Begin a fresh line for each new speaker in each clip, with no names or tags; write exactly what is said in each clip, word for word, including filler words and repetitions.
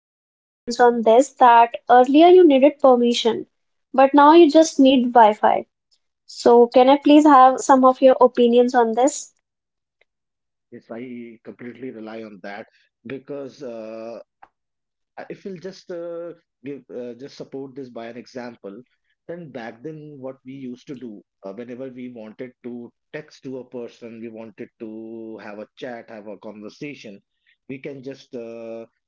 your opinions on this that earlier you needed permission, but now you just need Wi-Fi. So can I please have some of your opinions on this?
Yes, I completely rely on that because uh, I- if we'll just uh, give uh, just support this by an example. Then back then what we used to do, uh, whenever we wanted to text to a person, we wanted to have a chat, have a conversation, we can just uh,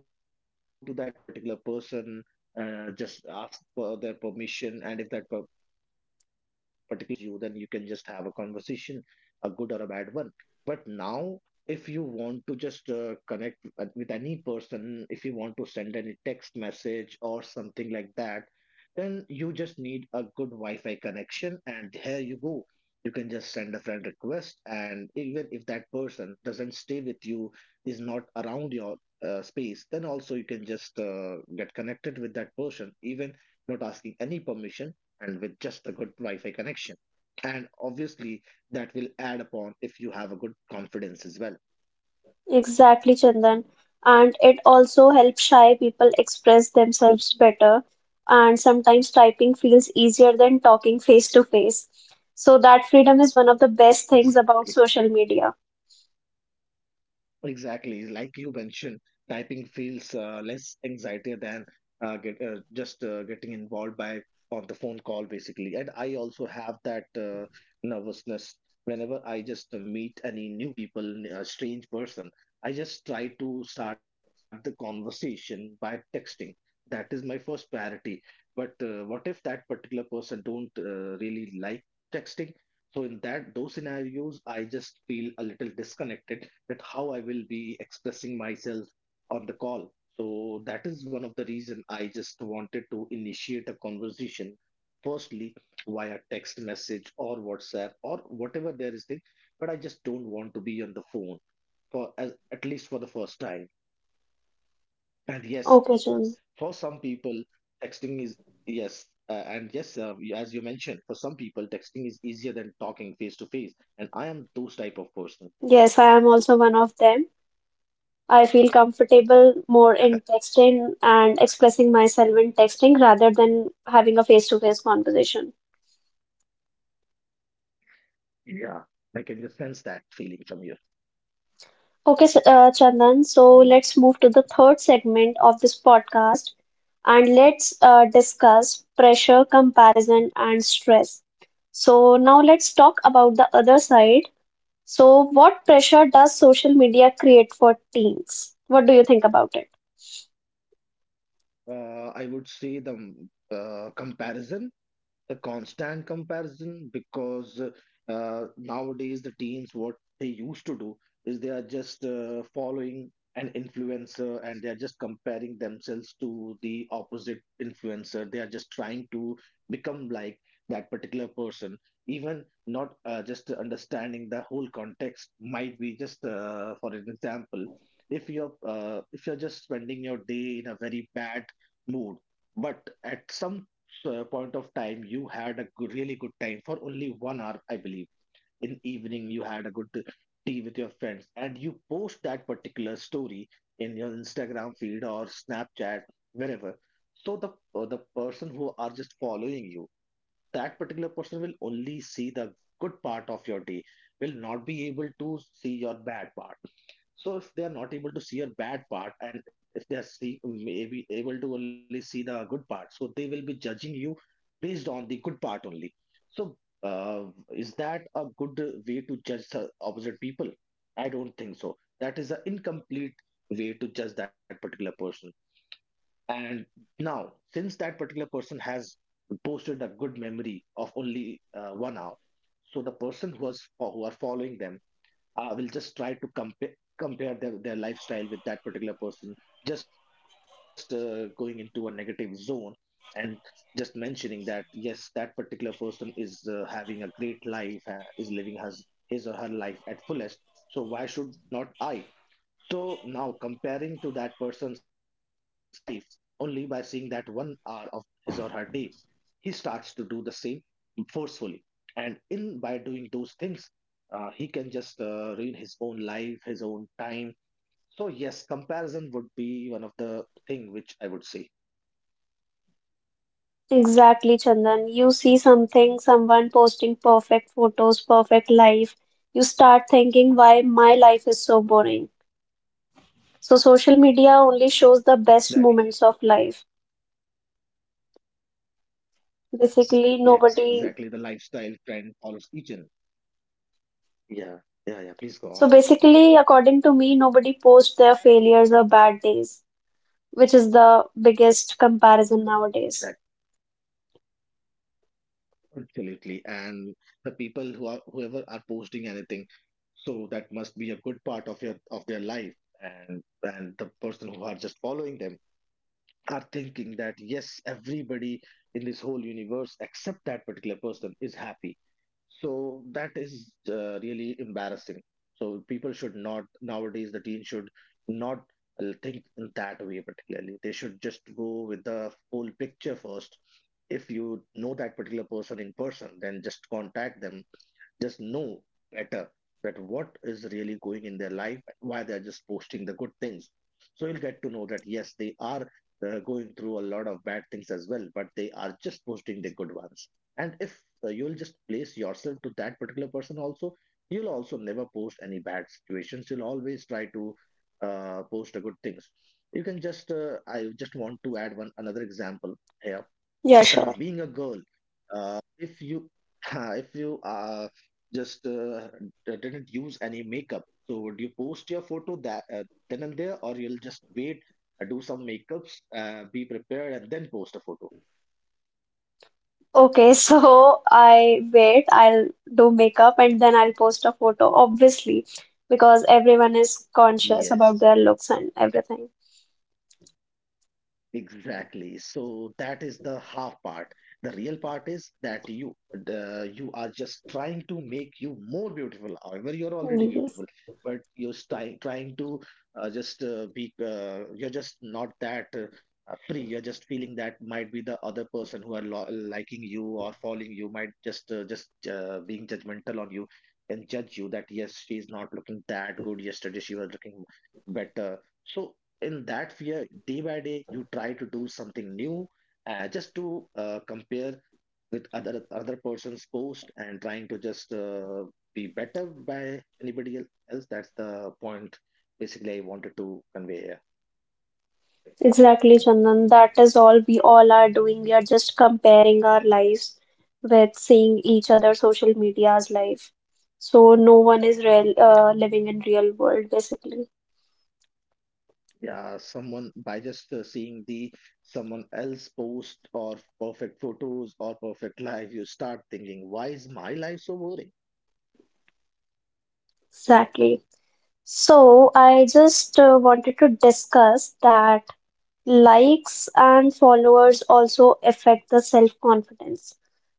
uh, go to that particular person, uh, just ask for their permission, and if that per- particular person allows you, then you can just have a conversation, a good or a bad one. But now, if you want to just uh, connect with with any person, if you want to send any text message or something like that, then you just need a good Wi Fi connection. And here you go. You can just send a friend request. And even if that person doesn't stay with you, is not around your uh, space, then also you can just uh, get connected with that person, even not asking any permission and with just a good Wi Fi connection. And obviously, that will add upon if you have a good confidence as well.
Exactly, Chandan. And it also helps shy people express themselves better, and sometimes typing feels easier than talking face to face. So that freedom is one of the best things
Ex-
about social media.
Exactly, like you mentioned, typing feels uh, less anxiety than uh, get, uh, just uh, getting involved by on the phone call, basically. And I also have that uh, nervousness whenever I just uh, meet any new people, a strange person. I just try to start the conversation by texting. That is my first priority. But uh, what if that particular person don't uh, really like texting? So in that those scenarios, I just feel a little disconnected, that how I will be expressing myself on the call. So that is one of the reason I just wanted to initiate a conversation firstly via text message or WhatsApp or whatever there is thing, but I just don't want to be on the phone for as, at least for the first time. And yes,
Okay,
for
Chandan.
some people, texting is yes, uh, and yes, uh, you- as you mentioned, for some people, texting is easier than talking face to face. And I am those type of person.
Yes, I am also one of them. I feel comfortable more in texting and expressing myself in texting rather than having a face-to-face conversation.
Yeah, I can just sense that feeling from you.
Okay, s- uh, Chandan, so let's move to the third segment of this podcast and let's uh, discuss pressure, comparison, and stress. So now let's talk about the other side. So, what pressure does social media create for teens? What do you think about it?
Uh, I would say the mm, uh, comparison, the constant comparison, because uh, uh, nowadays the teams, what they used to do is they are just uh, following an influencer, and they are just comparing themselves to the opposite influencer. They are just trying to become like that particular person, even not uh, just understanding the whole context. Might be just uh, for an example, if you're uh, if you're just spending your day in a very bad mood, but at some uh, point of time you had a good, really good time for only one hour, I believe, in evening. You had a good tea with your friends, and you post that particular story in your Instagram feed or Snapchat, wherever. So the, uh, the person who are just following you, that particular person will only see the good part of your day, will not be able to see your bad part. So if they are not able to see your bad part, and if they are see, maybe able to only see the good part, so they will be judging you based on the good part only. So, uh, is that a good way to judge the opposite people? I don't think so. That is an incomplete way to judge that particular person. And now, since that particular person has posted a good memory of only uh, one hour, so the person who was who are following them, uh, will just try to compare compare their, their lifestyle with that particular person, just uh, going into a negative zone, and just mentioning that yes, that particular person is uh, having a great life, uh, is living his his or her life at fullest. So why should not I? So now comparing to that person's life only by seeing that one hour of his or her day, he starts to do the same forcefully. And in by doing those things, uh, he can just uh, ruin his own life, his own time. So yes, comparison would be one of the thing which I would say.
Exactly, Chandan. You see something, someone posting perfect photos, perfect life. You start thinking why my life is so boring. So social media only shows the
Exactly
best
the point.
moments of life. Basically,
Yes, exactly. The
nobody.
lifestyle trend follows each other. Yeah, yeah, yeah. Please go on.
So basically, according to me, nobody posts their failures or bad days, which is the biggest comparison nowadays.
Absolutely. And the people who are whoever are posting anything, so that must be a good part of your of their life, and and the person who are just following them are thinking that yes, everybody in this whole universe except that particular person is happy. So that is uh, really embarrassing. So people should not, nowadays the teen should not uh, think in that way particularly. They should just go with the whole picture first. If you know that particular person in person, then just contact them, just know better that what is really going in their life and why they're just posting the good things. So you'll get to know that yes, they are uh, going through a lot of bad things as well, but they are just posting the good ones. And if uh, you'll just place yourself to that particular person also, you'll also never post any bad situations, you'll always try to uh, post a good things. You can just uh, I just want to add one another example here.
Yeah,
Uh,
sure.
being a girl, uh, if you if you uh, just uh, d- didn't use any makeup, so would you post your photo that uh, then and there, or you'll just wait, uh, do some makeups, uh, be prepared, and then post a photo?
Okay, so I wait, I'll do makeup and then I'll post a photo, obviously, because everyone is conscious
Yes.
about their looks and everything.
Exactly. So that is the half part. The real part is that you the, you are just trying to make you more beautiful. However, you're already
Yes,
beautiful, but you're trying trying to uh, just uh, be. Uh, you're just not that uh, uh, free. You're just feeling that might be the other person who are lo- liking you or following you might just uh, just uh, being judgmental on you, and judge you that yes, she is not looking that good yesterday. She was looking better. So in that fear, day by day you try to do something new, uh, just to uh, compare with other other person's post, and trying to just uh, be better by anybody el- else. That's the point basically I wanted to convey here.
exactly, Chandan. That is all we all are doing. We are just comparing our lives with seeing each other social media's life. So no one is real, uh, living in real world, basically.
Yeah, someone by just uh, seeing the someone else post or perfect photos or perfect life, you start thinking why is my life so boring.
Exactly. So I just uh, wanted to discuss that likes and followers also affect the self-confidence.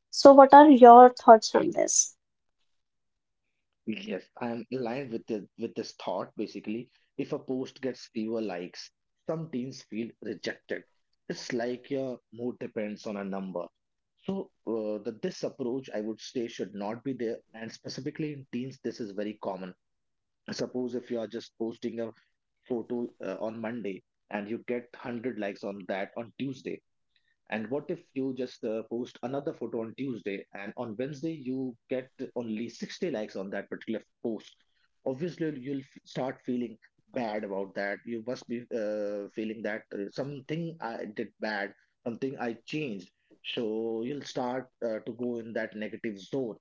So what are your thoughts on this?
Yes, I'm aligned with the, with this thought basically. If a post gets fewer likes, some teens feel rejected. It's like your mood depends on a number. So uh, the, this approach, I would say, should not be there. And specifically in teens, this is very common. Suppose if you are just posting a photo uh, on Monday, and you get one hundred likes on that on Tuesday, and what if you just uh, post another photo on Tuesday, and on Wednesday you get only sixty likes on that particular post? Obviously, you'll f- start feeling bad about that. You must be uh, feeling that uh, something I did bad, something I changed. So you'll start uh, to go in that negative zone.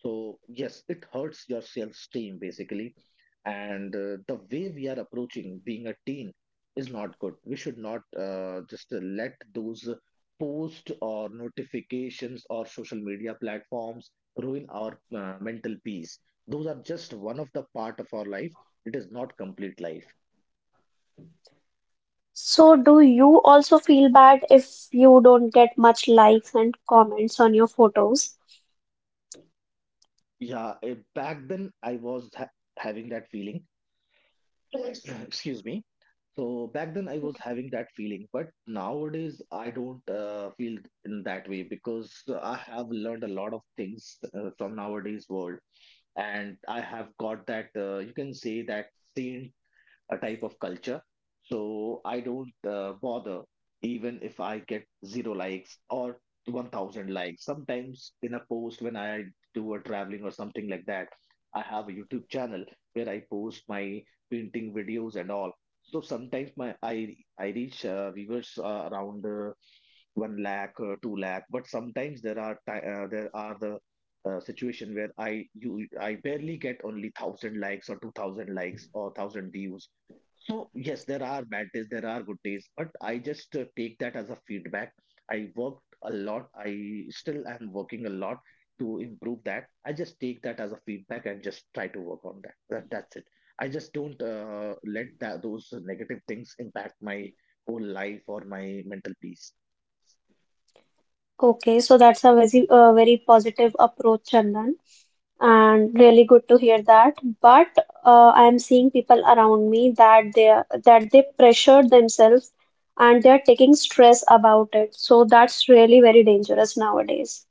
So yes, it hurts your self esteem basically. And uh, the way we are approaching being a teen is not good. We should not uh, just uh, let those posts or notifications or social media platforms ruin our uh, mental peace. Those are just one of the part of our life. It is not complete life.
So do you also feel bad if you don't get much likes and comments on your photos?
Yeah, eh, Back then I was ha having that feeling. Excuse me. So back then I was having that feeling, but nowadays I don't uh, feel in that way, because I have learned a lot of things uh, from nowadays world, and I have got that uh, you can say that a type of culture. So I don't uh, bother even if I get zero likes or one thousand likes. Sometimes in a post, when I do a traveling or something like that, I have a YouTube channel where I post my painting videos and all. So sometimes my I I reach uh, viewers uh, around uh, one lakh or two lakh, but sometimes there are ti uh, there are the uh, situation where i you i barely get only one thousand likes or two thousand likes or one thousand views. So yes, there are bad days, there are good days, but I just uh, take that as a feedback. I worked a lot, I still am working a lot to improve that. I just take that as a feedback and just try to work on that, that that's it. I just don't uh, let that, those negative things impact my whole life or my mental peace.
Okay, so that's a very, uh, very positive approach, Chandan, and really good to hear that. But uh, I am seeing people around me that they are- that they pressure themselves and they are taking stress about it. So that's really very dangerous nowadays.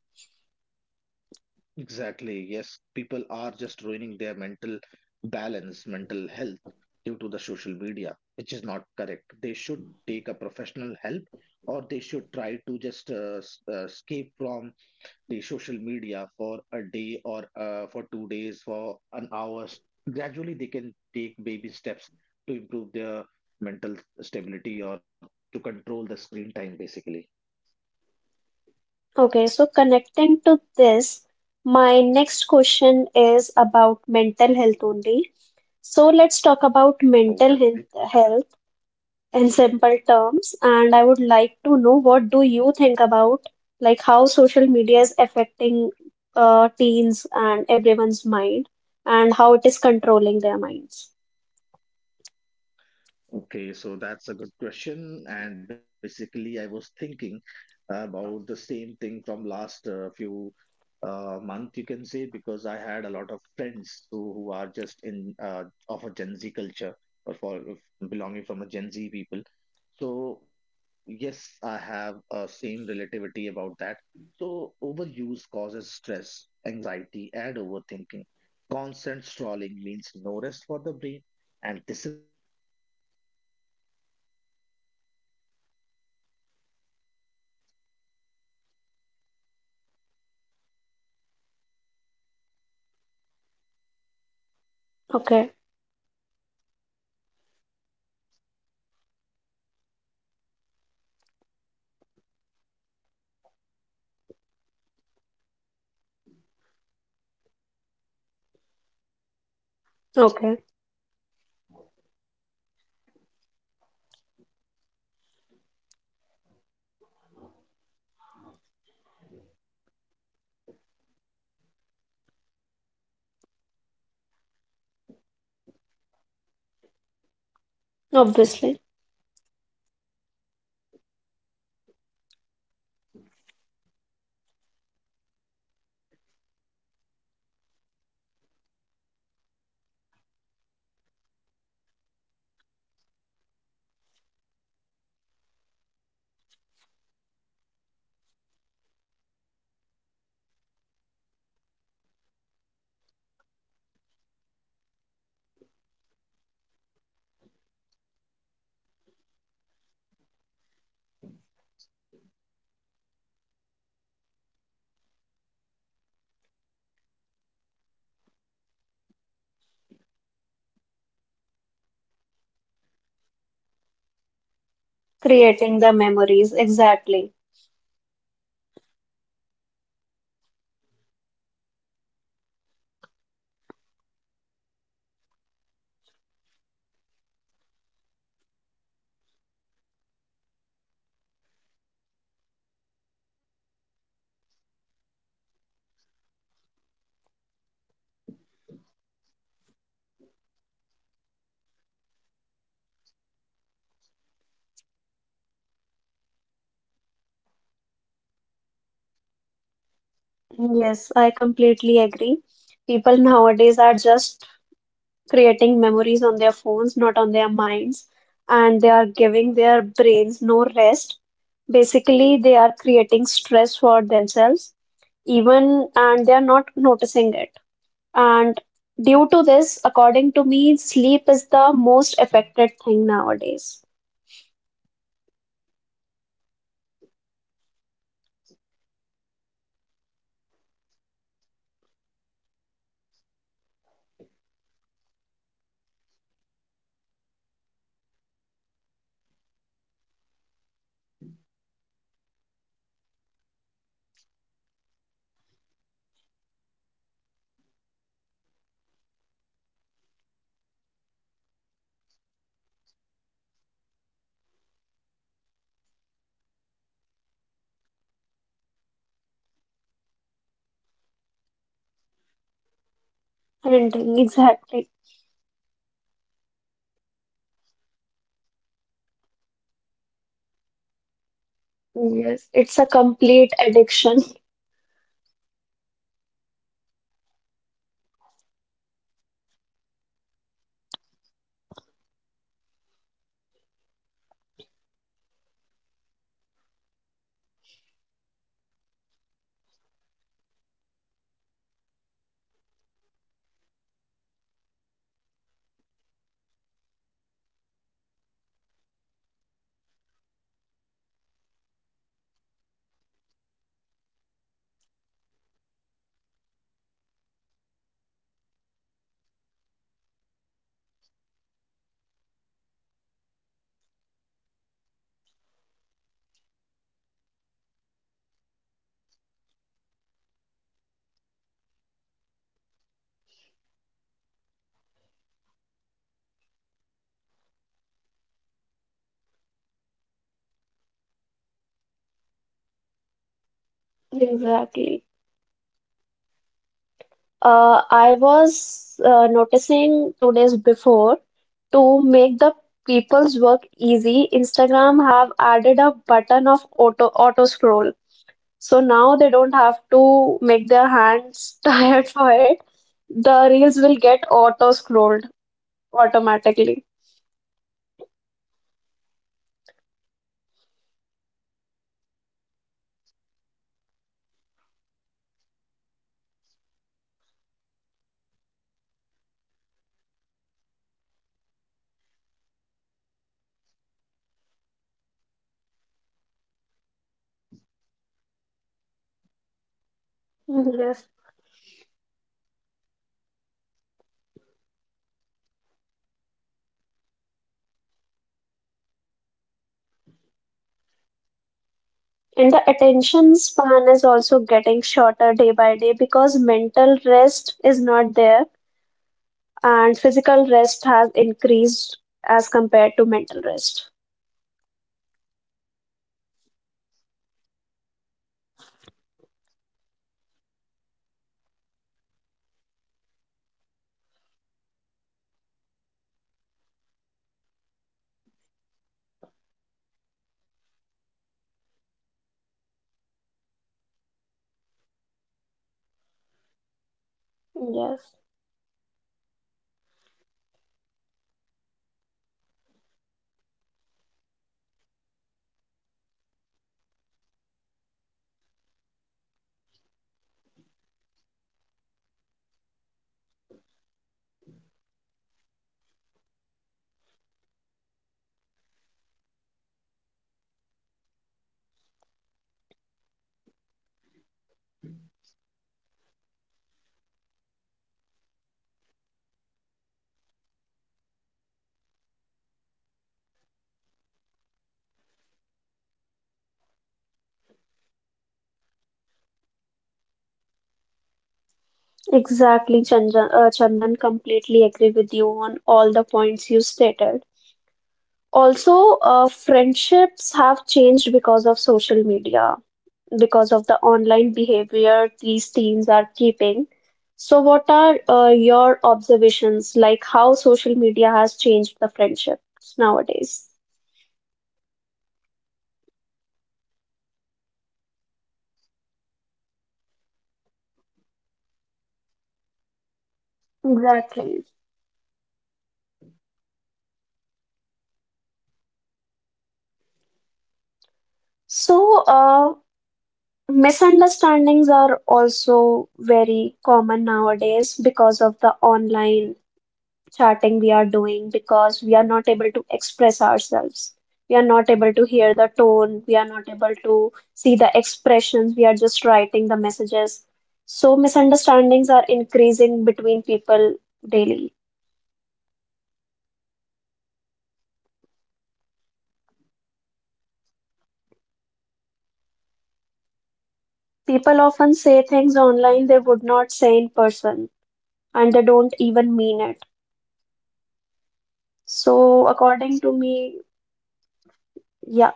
Exactly. Yes, people are just ruining their mental balance, mental health due to the social media, which is not correct. They should take a professional help or they should try to just uh, s- uh, escape from the social media for a day or uh, for two days, for an hour. Gradually, they can take baby steps to improve their mental stability or to control the screen time, basically.
Okay, so connecting to this, my next question is about mental health only. So let's talk about
Oh, that's
mental
it.
health health in simple terms, and I would like to know what do you think about like how social media is affecting uh, teens and everyone's mind and how it is controlling their minds.
Okay, so that's a good question. And basically, I was thinking about the same thing from last uh, few uh, month, you can say, because I had a lot of friends who, who are just in uh, of a Gen Z culture or for of belonging from a Gen Z people. So yes, I have a same relativity about that. So overuse causes stress, anxiety, and overthinking. Constant strolling means no rest for the brain, and this is something which I have observed uh, with our teen friends. So what they usually do, we had a plan. Uh, I think uh, two or three months back in uh, September, I believe. Yes.
Okay,
So we uh, planned something. So yeah, we planned something, we went uh, in a cafe, in a cafeteria area. So there we just uh, united and just started to, basically the objective was to unite and have a lunch together.
okay,
So what do you mean by having lunch together? Obviously we'll just together sit, have lunch and will not get distracted by any of other social platforms. So that particular half an hour or one hour, if you're sitting together, you should be just only together, no distractions, right?
obviously.
Yeah, but what I noticed that everyone who are uh, from Gen Z, they are- have just started uh, their phone on this, uh, started capturing moments. They are just uh, capturing photos and all those things. So what I got to know there, the Gen Z people, I'm not blaming anyone and I'm not blaming any generation, but this is just an observation and my perspective might be uh, it is just it is not applicable for every people on this universe. But what I observe with my set of uh, people, that I'm just sharing. So uh, the those people who were my friend, so they were just trying to capture the memories. However, they should focus more on creating those
Creating the
memories.
memories,
So they were
exactly.
not at all. Yes, so they were not uh, bothered about creating by just taking photos, e, and posting them. They were just bothered how to post that, what story I should mention, what caption I should mention, what uh, and where I should just send this so that this uh, post get viral or something like that. So just focusing on these things, your my mental status will just get ruined. You're just not focusing on creating memories. So yes, and uh, this is basically I wanted to just uh, share with you. Yes, Ishika.
Yes, I completely agree. People nowadays are just creating memories on their phones, not on their minds, and they are giving their brains no rest. Basically, they are creating stress for themselves, even and they are not noticing it. And due to this, according to me, sleep is the most affected thing nowadays.
So very much, I would say. Many teens stay awake late watching reels, then next day tired, angry, and sleepy in uh, office, you say class, whatever the place they are going in the next morning. They are just uh, tired, angry, and they would be tired because they are just uh, stay. They are just stay, uh, staying awake for the whole night, or might be the late night watching reels. And what I have also observed, you mu- must have also observed that movie has a ending, a serial has a ending, a season of a movie or a web series has a ending. But reels is something which doesn't have a ending.
And
One reel will
exactly,
uh, we just finished and another reel is going, is on the way. You can ju- you just need to scroll and keep scrolling, keep scrolling.
yes, it's a
Your
complete
fingers will be
addiction.
tired. Your Yeah, it's a complete addiction, and that is the thing uh, the creator has made in such a way that you'll not get bored. If you want to get entertained, so back then, if I'll just compare with millennial or nineties people, back then we were uh, having very fewer choices to enjoy. So that is the thing we were just able to put our more of the time in effort uh, in uh, good uh, things, basically. Now we are just uh, uh, l- have a lot of options. We can just waste our time. We can invest our time. It completely depends upon our man to man or woman to woman perspective. So yes, now the people are just uh, scrolling the reels down and down, and they're not even thinking twice that this reel scrolling can just lead you to end up your twenty-four hours, and you, you will not even realize. And at the end, only the word regret will be there with your life forever. You'll
Exactly.
not get any learnings.
Uh, I was uh, noticing two days before to make the people's work easy, Instagram have added a button of auto auto scroll. So now they don't have to make their
Yeah.
hands tired for it. The reels will get auto scrolled
Yes,
automatically.
yes. So this is, there's another invention, and this invention is also leading you is to such a laziness. At least people back then were walking. Now people are not walking, sitting. So, Uh, uh, gradually, people started sitting and scrolling. Now people will just uh, stop scrolling as well because auto scroll option is there. So
Yes.
these technologies are just making you lazy, and the- and just they are making sure that you don't apply your brain. You just apply uh, your laziness. That's it.
And the attention span is also getting shorter day by day because mental rest is not there, and physical rest has increased as compared to mental rest.
Yes, uh, so short videos all day makes it hard to focus on studies or books. Uh, nowadays, uh, you also have observed, and because I am already going through this thing, that uh, previously I was uh, able to watch a movie of three hours or four hours or three point five hours uh, just by sitting in a one go. But
Yes.
nowadays, I'm just trying to go with the most of the content in minimum time. So this is also a very bad thing. Due to this, we are just becoming lazy. We cannot sit uh, on a single place watching the same content for long hours. We are just focusing on shorter things and shorter contents. So shorter content, if you are just focusing on shorter contents, then basically you are training you are training your mind in such a way that you'll not be able to study books, and the coming future is will be just uh, pathetic about reading books. They will not have that patience, that even if you are just uh, s- uh, able to re- read the books at all or not.
Exactly, Chandan, uh, Chandan, completely agree with you on all the points you stated. Also, uh, friendships have changed because of social media, because of the online behavior these teens are keeping. So, what are uh, your observations, like how social media has changed the friendships nowadays?
Okay, so friendships are faster but sometimes less deep. You have many on- online friends but fewer real conversations are there.
Exactly.
Yes,
So, uh, Misunderstandings are also very common nowadays because of the online chatting we are doing, because we are not able to express ourselves. We are not able to hear the tone, we are not
very
able to see the expressions, we are just writing the messages. So, misunderstandings are increasing between people daily.
yeah, very easily I would say. One late reply and people think something is wrong, man.
People often say things online they would not say in person, and they don't even mean it.
Exactly,
So,
uh,
according to
exactly. So you
me,
should just.
Yeah,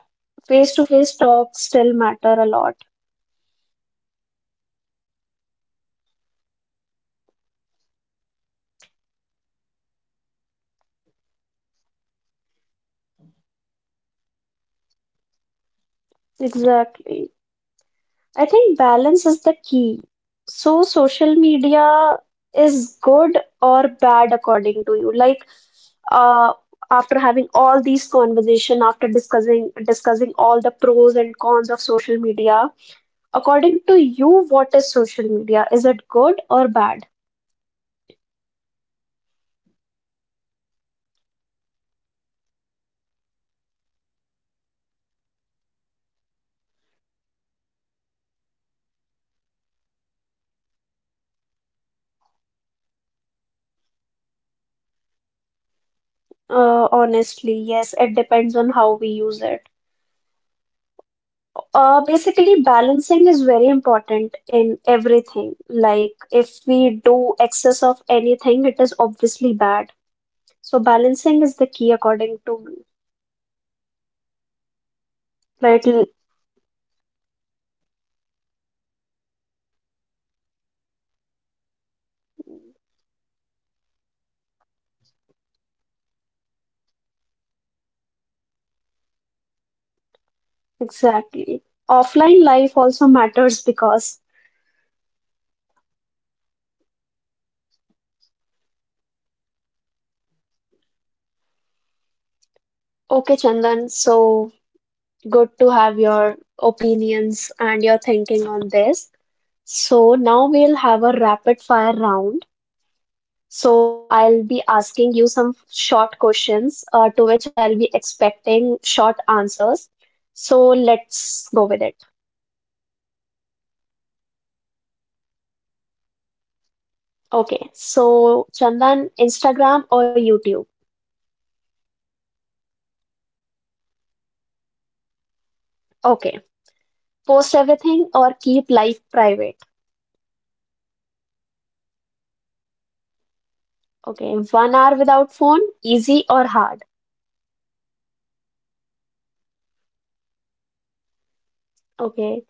Mhm,
face-to-face talks still matter a lot.
exactly. So online arguments are common too. So and the reason because people say things online they would never say in person. Exactly the same point.
Exactly. I think balance is the key. So social media is good or bad according to you. Like, uh, after having all these conversation, after discussing discussing all the pros and cons of social media, according to you, what is social media? Is it good or bad?
It depends basically on how we use it. Social media is a tool, not life, and people are turning that into a life. So if you're turning that into a life, then it is not good. And if it, you are using this as a tool, then it's a best platform where you can just learn things.
Uh, honestly, yes, it depends on how we use it. Uh,
Exactly.
basically, balancing is very important in everything. Like, if we do excess of anything, it is obviously bad. So, balancing is the key, according to me.
Yes. Yes,
Right? l-
exactly my same point. I have used a different, yeah, I have used a different word, but yes, the meaning was same. And uh, yes, I would say limit screen time, taking breaks, focus on real life too would really help you
Exactly. Offline life also matters because,
uh, because friends, family, hobbies, those keep us grounded.
okay, Chandan, so good to have your opinions and your thinking on this. So, now we'll have a rapid fire round. So I'll be asking you some short
Okay.
questions uh, to which I'll be expecting short answers. So let's go with it.
Yeah, I am really excited. Please go ahead.
Okay. So Chandan, Instagram or YouTube?
YouTube. Less pressure, more learning.
Okay. Post everything or keep life private?
Keeping life private.
Okay. One hour without phone, easy or hard?
Hard, but healthy, I believe.
Okay.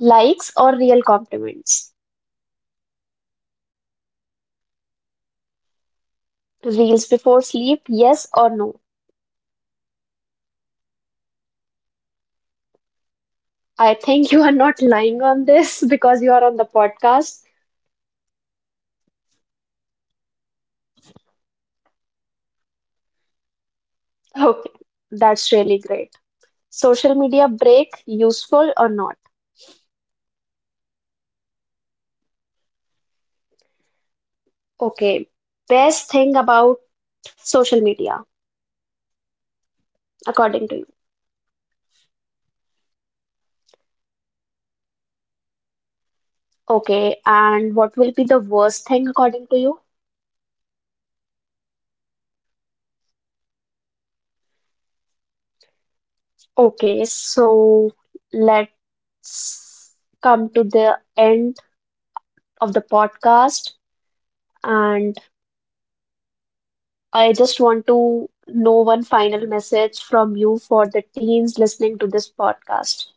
Likes or real compliments?
Real compliments always.
Reels before sleep, yes or no?
No, no, big, big no.
I think you are not lying on this because you are on the podcast.
Yes, I am not lying. I'm sure about this. Previously, I used to do, but no, not now.
Okay. That's really great. Social media break, useful or not?
Very, very useful.
Okay, best thing about social media, according to you.
Connection and creativity. So, connection and creativity, creativity I would say.
Okay, and what will be the worst thing according to you?
Uh, comparison and addiction.
Okay, so let's come to the end of the podcast. And I just want to know one final message from you for the teens listening to this podcast.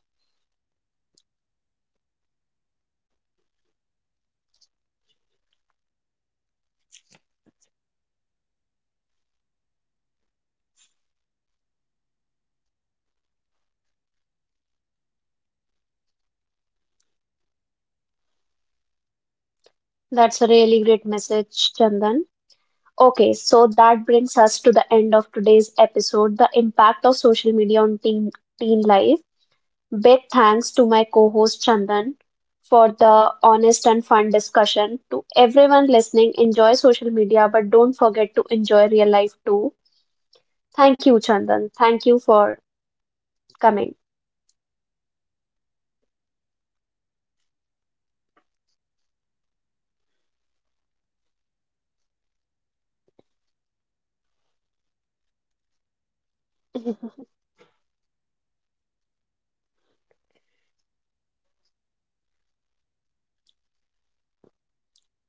Okay, so one final message. It's really hard to recollect, but yes, I would say use social media. Don't let it use you. Your worth is more than likes, man, views or followers. These are not. These are just a number. This will not define your life.
That's a really great message, Chandan. Okay, so that brings us to the end of today's episode, the impact of social media on teen, teen life. Big thanks to my co-host Chandan for the honest and fun discussion. To everyone listening, enjoy social media, but don't forget to enjoy real life too. Thank you, Chandan. Thank you for coming.
Thank you so much, Ishika. So for our listeners, on your behalf, if you like this episode, share it, subscribe it, and take a break from scrolling, man. You should just uh, re- start recording your screen time. And this is Chandan signing off for this podcast. We'll meet you some other day.